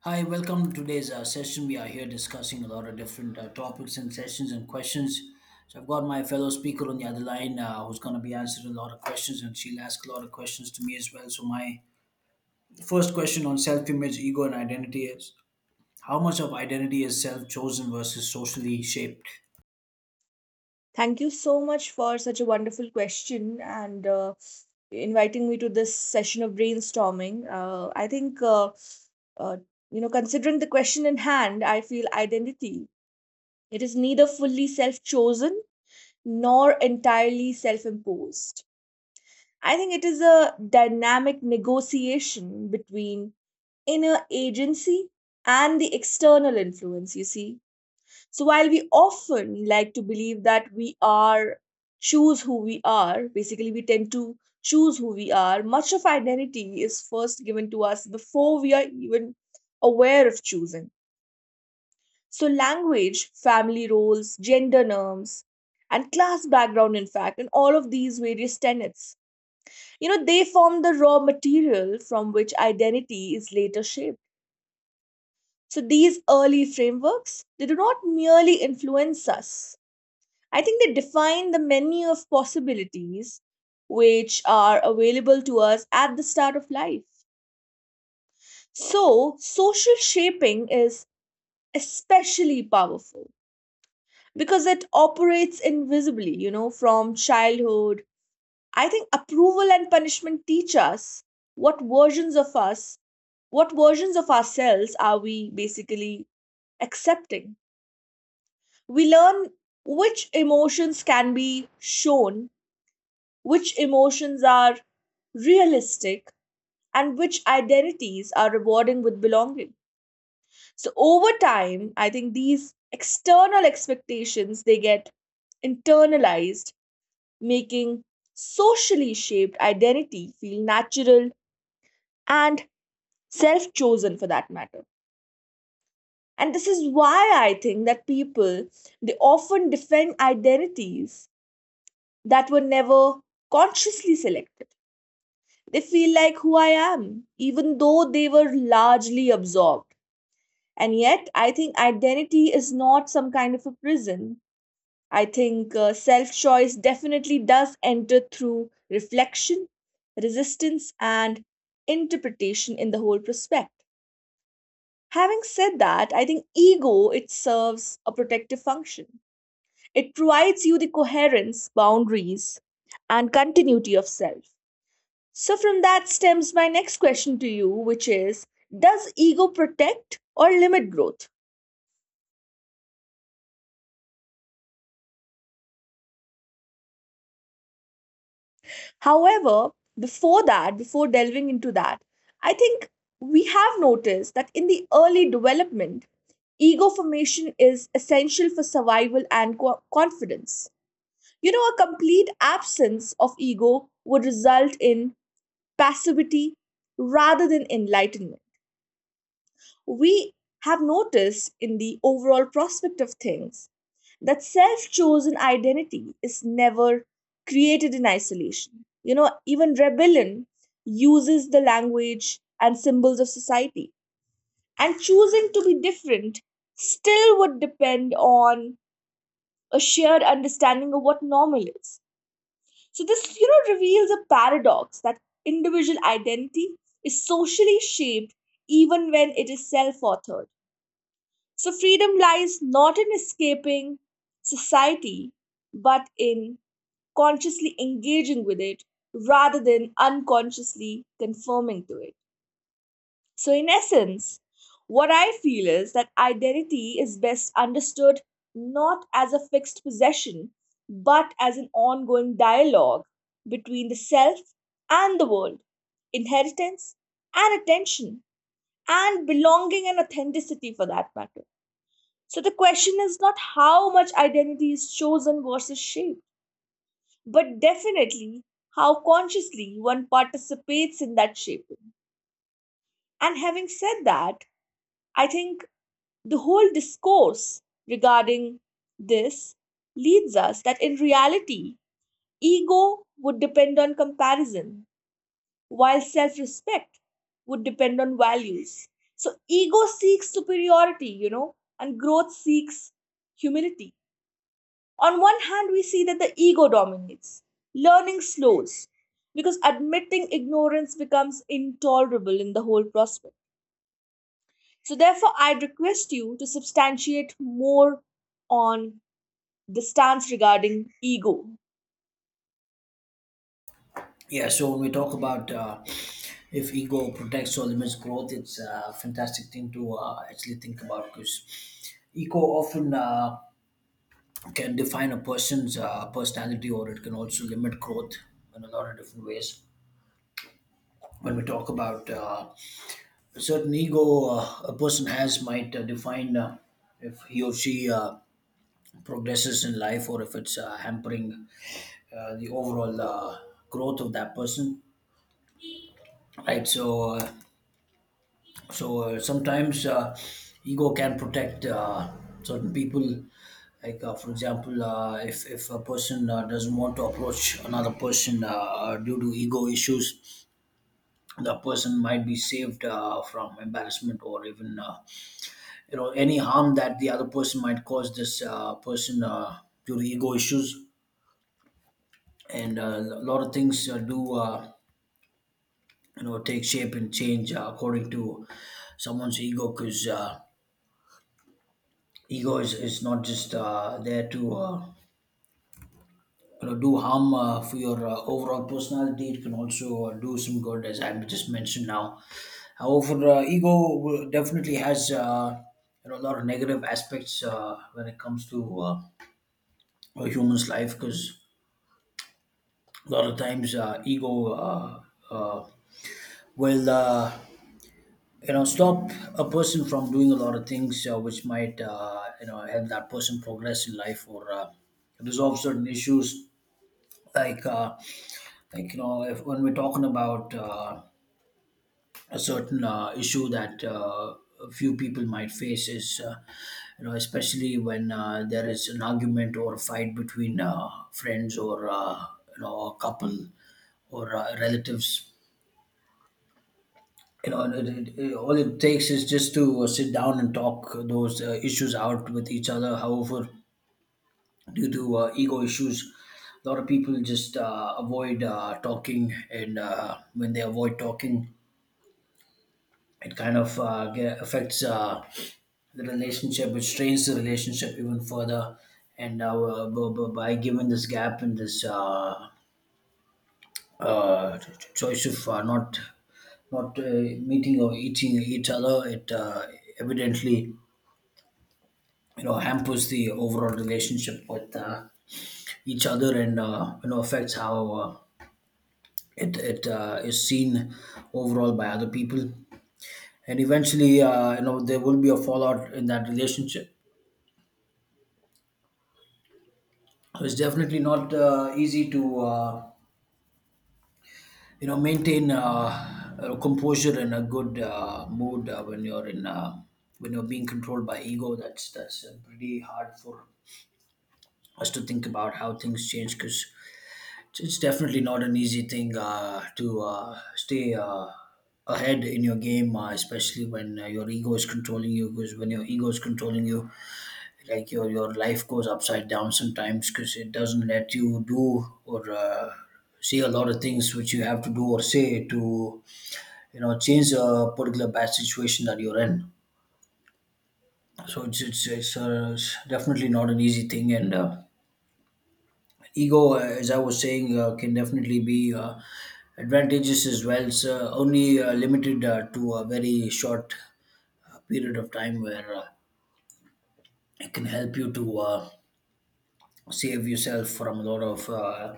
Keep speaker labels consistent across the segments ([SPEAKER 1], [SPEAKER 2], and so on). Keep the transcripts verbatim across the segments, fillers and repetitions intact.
[SPEAKER 1] Hi, welcome to today's uh, session. We are here discussing a lot of different uh, topics and sessions and questions. So I've got my fellow speaker on the other line uh, who's going to be answering a lot of questions, and she'll ask a lot of questions to me as well. So my first question on self-image, ego, and identity is: How much of identity is self-chosen versus socially shaped?
[SPEAKER 2] Thank you so much for such a wonderful question and uh, inviting me to this session of brainstorming. Uh, I think, uh, uh, you know, Considering the question in hand, I feel identity. It is neither fully self chosen nor entirely self imposed. I think it is a dynamic negotiation between inner agency and the external influence, you see. So while we often like to believe that we are choose who we are, basically we tend to choose who we are, much of identity is first given to us before we are even aware of choosing. So language, family roles, gender norms, and class background, in fact, and all of these various tenets, you know, they form the raw material from which identity is later shaped. So these early frameworks, they do not merely influence us. I think they define the menu of possibilities which are available to us at the start of life. So, social shaping is especially powerful because it operates invisibly, you know, from childhood. I think approval and punishment teach us what versions of us, what versions of ourselves are we basically accepting. We learn which emotions can be shown, which emotions are realistic, and which identities are rewarding with belonging. So over time, I think these external expectations they get internalized, making socially shaped identity feel natural and self-chosen for that matter. And this is why I think that people, they often defend identities that were never consciously selected. They feel like who I am, even though they were largely absorbed. And yet, I think identity is not some kind of a prison. I think uh, self choice definitely does enter through reflection, resistance, and interpretation in the whole prospect. Having said that, I think ego it serves a protective function. It provides you the coherence, boundaries, and continuity of self. So, from that stems my next question to you, which is, does ego protect or limit growth? However, before that, before delving into that, I think we have noticed that in the early development, ego formation is essential for survival and co- confidence. You know, a complete absence of ego would result in passivity rather than enlightenment. We have noticed in the overall prospect of things that self chosen identity is never created in isolation. You know, even rebellion uses the language and symbols of society. And choosing to be different still would depend on a shared understanding of what normal is. So, this, you know, reveals a paradox that individual identity is socially shaped even when it is self authored. So, freedom lies not in escaping society, but in consciously engaging with it rather than unconsciously conforming to it. So, in essence, what I feel is that identity is best understood not as a fixed possession, but as an ongoing dialogue between the self and the world, inheritance and attention, and belonging and authenticity for that matter. So, the question is not how much identity is chosen versus shaped, but definitely how consciously one participates in that shaping. And having said that, I think the whole discourse regarding this leads us that in reality, ego would depend on comparison, while self respect would depend on values. So, ego seeks superiority, you know, and growth seeks humility. On one hand, we see that the ego dominates, learning slows, because admitting ignorance becomes intolerable in the whole prospect. So, therefore, I request you to substantiate more on the stance regarding ego.
[SPEAKER 1] Yeah. So when we talk about uh, if ego protects or limits growth, it's a fantastic thing to uh, actually think about because ego often. Uh, can define a person's uh, personality, or it can also limit growth in a lot of different ways. When we talk about uh, a certain ego, uh, a person has might uh, define uh, if he or she uh, progresses in life or if it's uh, hampering uh, the overall uh, growth of that person, right? So uh, So uh, sometimes uh, ego can protect uh, certain people. Like uh, for example, uh, if if a person uh, doesn't want to approach another person uh, uh, due to ego issues, the person might be saved uh, from embarrassment or even uh, you know, any harm that the other person might cause this uh, person uh, due to ego issues. And uh, a lot of things uh, do uh, you know, take shape and change uh, according to someone's ego because. Uh, ego is, is not just uh, there to uh, you know, do harm uh, for your uh, overall personality. It can also uh, do some good, as I've just mentioned now. However, uh, ego will- definitely has uh, you know, a lot of negative aspects uh, when it comes to uh, a human's life, because a lot of times uh, ego uh, uh, will uh, you know, stop a person from doing a lot of things uh, which might uh, you know, help that person progress in life or uh, resolve certain issues, like uh, like you know, if when we're talking about uh, a certain uh, issue that uh, a few people might face is uh, you know, especially when uh, there is an argument or a fight between uh, friends or uh, you know, a couple or uh, relatives. You know, it, it, it- all it takes is just to uh, sit down and talk those uh, issues out with each other. However, due to uh, ego issues, a lot of people just uh, avoid uh, talking, and uh, when they avoid talking, it kind of uh, get, affects uh, the relationship, which strains the relationship even further. And uh, b- b- by giving this gap and this uh, uh, ch- ch- choice of uh, not not uh, meeting or eating each other, it uh, evidently, you know, hampers the overall relationship with uh, each other, and uh, you know, affects how. Uh, it it uh, is seen overall by other people, and eventually uh, you know, there will be a fallout in that relationship. So it's definitely not uh, easy to uh, you know, maintain uh, a composure and a good uh, mood uh, when you're in uh, when you're being controlled by ego. That's that's uh, pretty hard for us to think about how things change, because it's definitely not an easy thing uh, to uh, stay uh, ahead in your game, uh, especially when uh, your ego is controlling you. Because when your ego is controlling you, like, your your life goes upside down sometimes, because it doesn't let you do or uh, say a lot of things which you have to do or say to, you know, change a particular bad situation that you're in. So it's it's it's, uh, definitely not an easy thing. And. Uh, ego, as I was saying, uh, can definitely be uh, advantageous as well, so only uh, limited uh, to a very short uh, period of time where uh, it can help you to uh, save yourself from a lot of uh,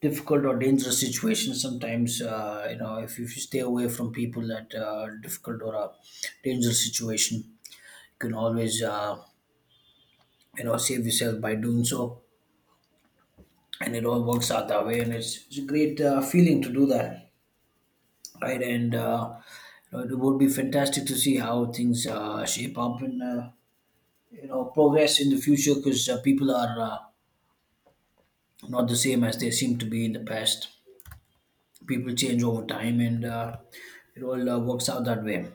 [SPEAKER 1] difficult or dangerous situations. Sometimes uh, you know, if, if you stay away from people that uh, difficult or a dangerous situation, you can always uh, you know, save yourself by doing so, and it all works out that way. And it's, it's a great uh, feeling to do that, right? And uh, you know, it would be fantastic to see how things uh, shape up and uh, you know, progress in the future, because uh, people are uh, not the same as they seem to be in the past. People change over time, and uh, it all uh, works out that way.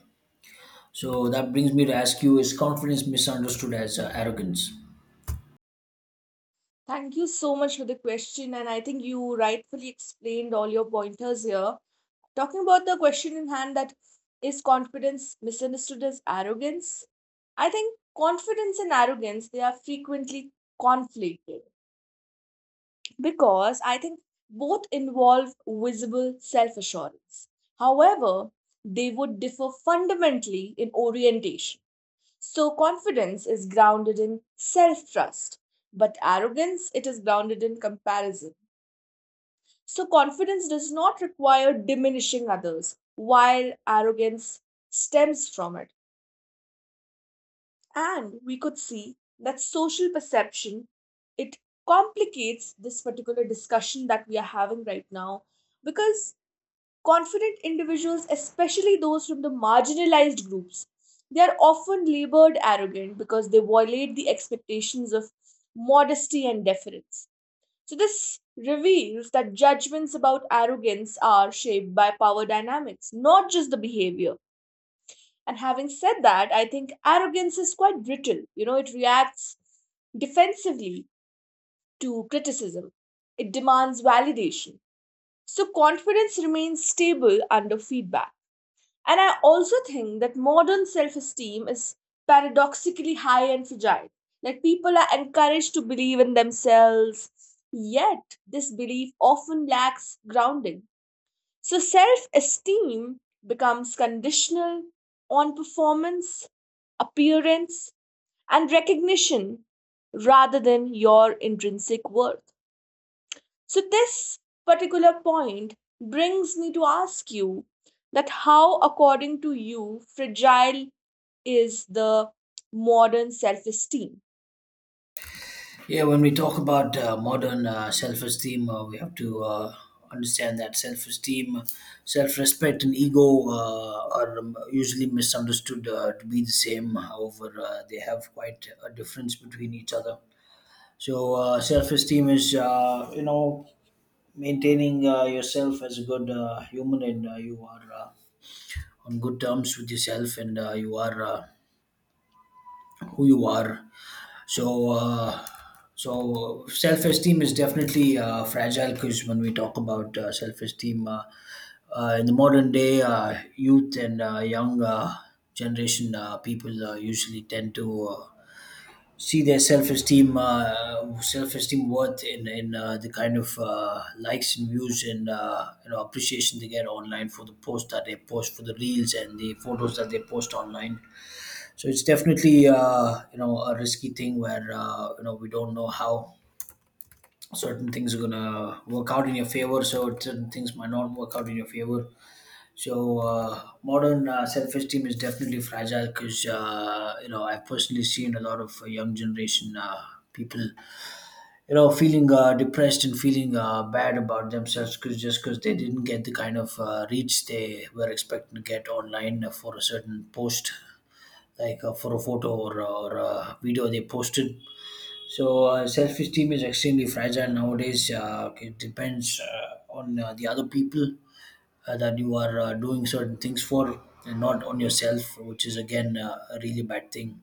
[SPEAKER 1] So that brings me to ask you: Is confidence misunderstood as uh, arrogance?
[SPEAKER 2] Thank you so much for the question, and I think you rightfully explained all your pointers here. Talking about the question in hand, that is confidence misunderstood as arrogance? I think confidence and arrogance they are frequently conflated because I think both involve visible self assurance. However, they would differ fundamentally in orientation. So, confidence is grounded in self trust, but arrogance it is grounded in comparison. So, confidence does not require diminishing others, while arrogance stems from it. And we could see that social perception, it complicates this particular discussion that we are having right now, because confident individuals, especially those from the marginalized groups, they are often labored arrogant because they violate the expectations of modesty and deference. So this reveals that judgments about arrogance are shaped by power dynamics, not just the behavior. And having said that, I think arrogance is quite brittle. You know, it reacts defensively to criticism, it demands validation. So, confidence remains stable under feedback. And I also think that modern self esteem is paradoxically high and fragile. Like, people are encouraged to believe in themselves, yet, this belief often lacks grounding. So, self esteem becomes conditional on performance, appearance, and recognition rather than your intrinsic worth. So, this particular point brings me to ask you that how, according to you, fragile is the modern self esteem?
[SPEAKER 1] Yeah, when we talk about uh, modern uh, self-esteem, uh, we have to uh, understand that self-esteem, self-respect, and ego uh, are um, usually misunderstood uh, to be the same. However, uh, they have quite a difference between each other. So, uh, self-esteem is, uh, you know, maintaining uh, yourself as a good uh, human, and uh, you are uh, on good terms with yourself, and uh, you are uh, who you are. So, uh, so self-esteem is definitely uh, fragile, because when we talk about uh, self-esteem uh, uh, in the modern day, uh, youth and uh, young uh, generation, uh, people uh, usually tend to uh, see their self-esteem, uh, self-esteem worth in in uh, the kind of uh, likes and views and uh, you know, appreciation they get online for the post that they post, for the reels and the photos that they post online. So it's definitely uh, you know, a risky thing where uh, you know, we don't know how certain things are gonna work out in your favor. So certain things might not work out in your favor. So uh, modern uh, self-esteem is definitely fragile, because uh, you know, I've personally seen a lot of uh, young generation uh, people, you know, feeling uh, depressed and feeling uh, bad about themselves, because just because they didn't get the kind of uh, reach they were expecting to get online for a certain post, like uh, for a photo or, or a video they posted. So uh, self-esteem is extremely fragile nowadays. Uh, it depends uh, on uh, the other people uh, that you are uh, doing certain things for, and not on yourself, which is again uh, a really bad thing,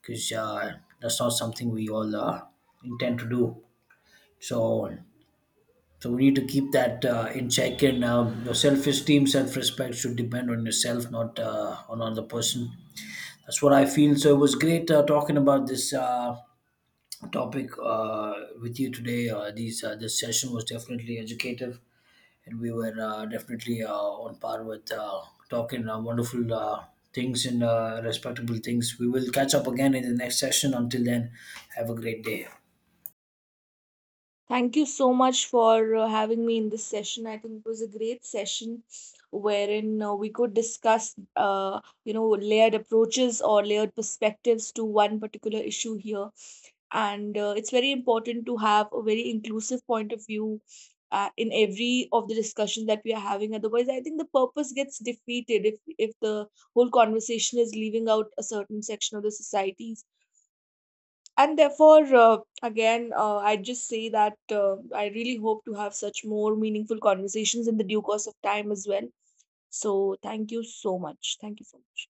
[SPEAKER 1] because uh, that's not something we all uh, intend to do. So. So we need to keep that uh, in check, and uh, your self-esteem, self-respect should depend on yourself, not uh, on another person. That's what I feel. So it was great uh, talking about this uh, topic uh, with you today. Uh, these uh, this session was definitely educative, and we were uh, definitely uh, on par with uh, talking uh, wonderful uh, things and uh, respectable things. We will catch up again in the next session. Until then, have a great day.
[SPEAKER 2] Thank you so much for uh, having me in this session. I think it was a great session wherein uh, we could discuss, uh, you know, layered approaches or layered perspectives to one particular issue here. And uh, it's very important to have a very inclusive point of view uh, in every of the discussions that we are having. Otherwise, I think the purpose gets defeated if if the whole conversation is leaving out a certain section of the society. And therefore uh, again uh, I just say that uh, I really hope to have such more meaningful conversations in the due course of time as well. So thank you so much, thank you so much.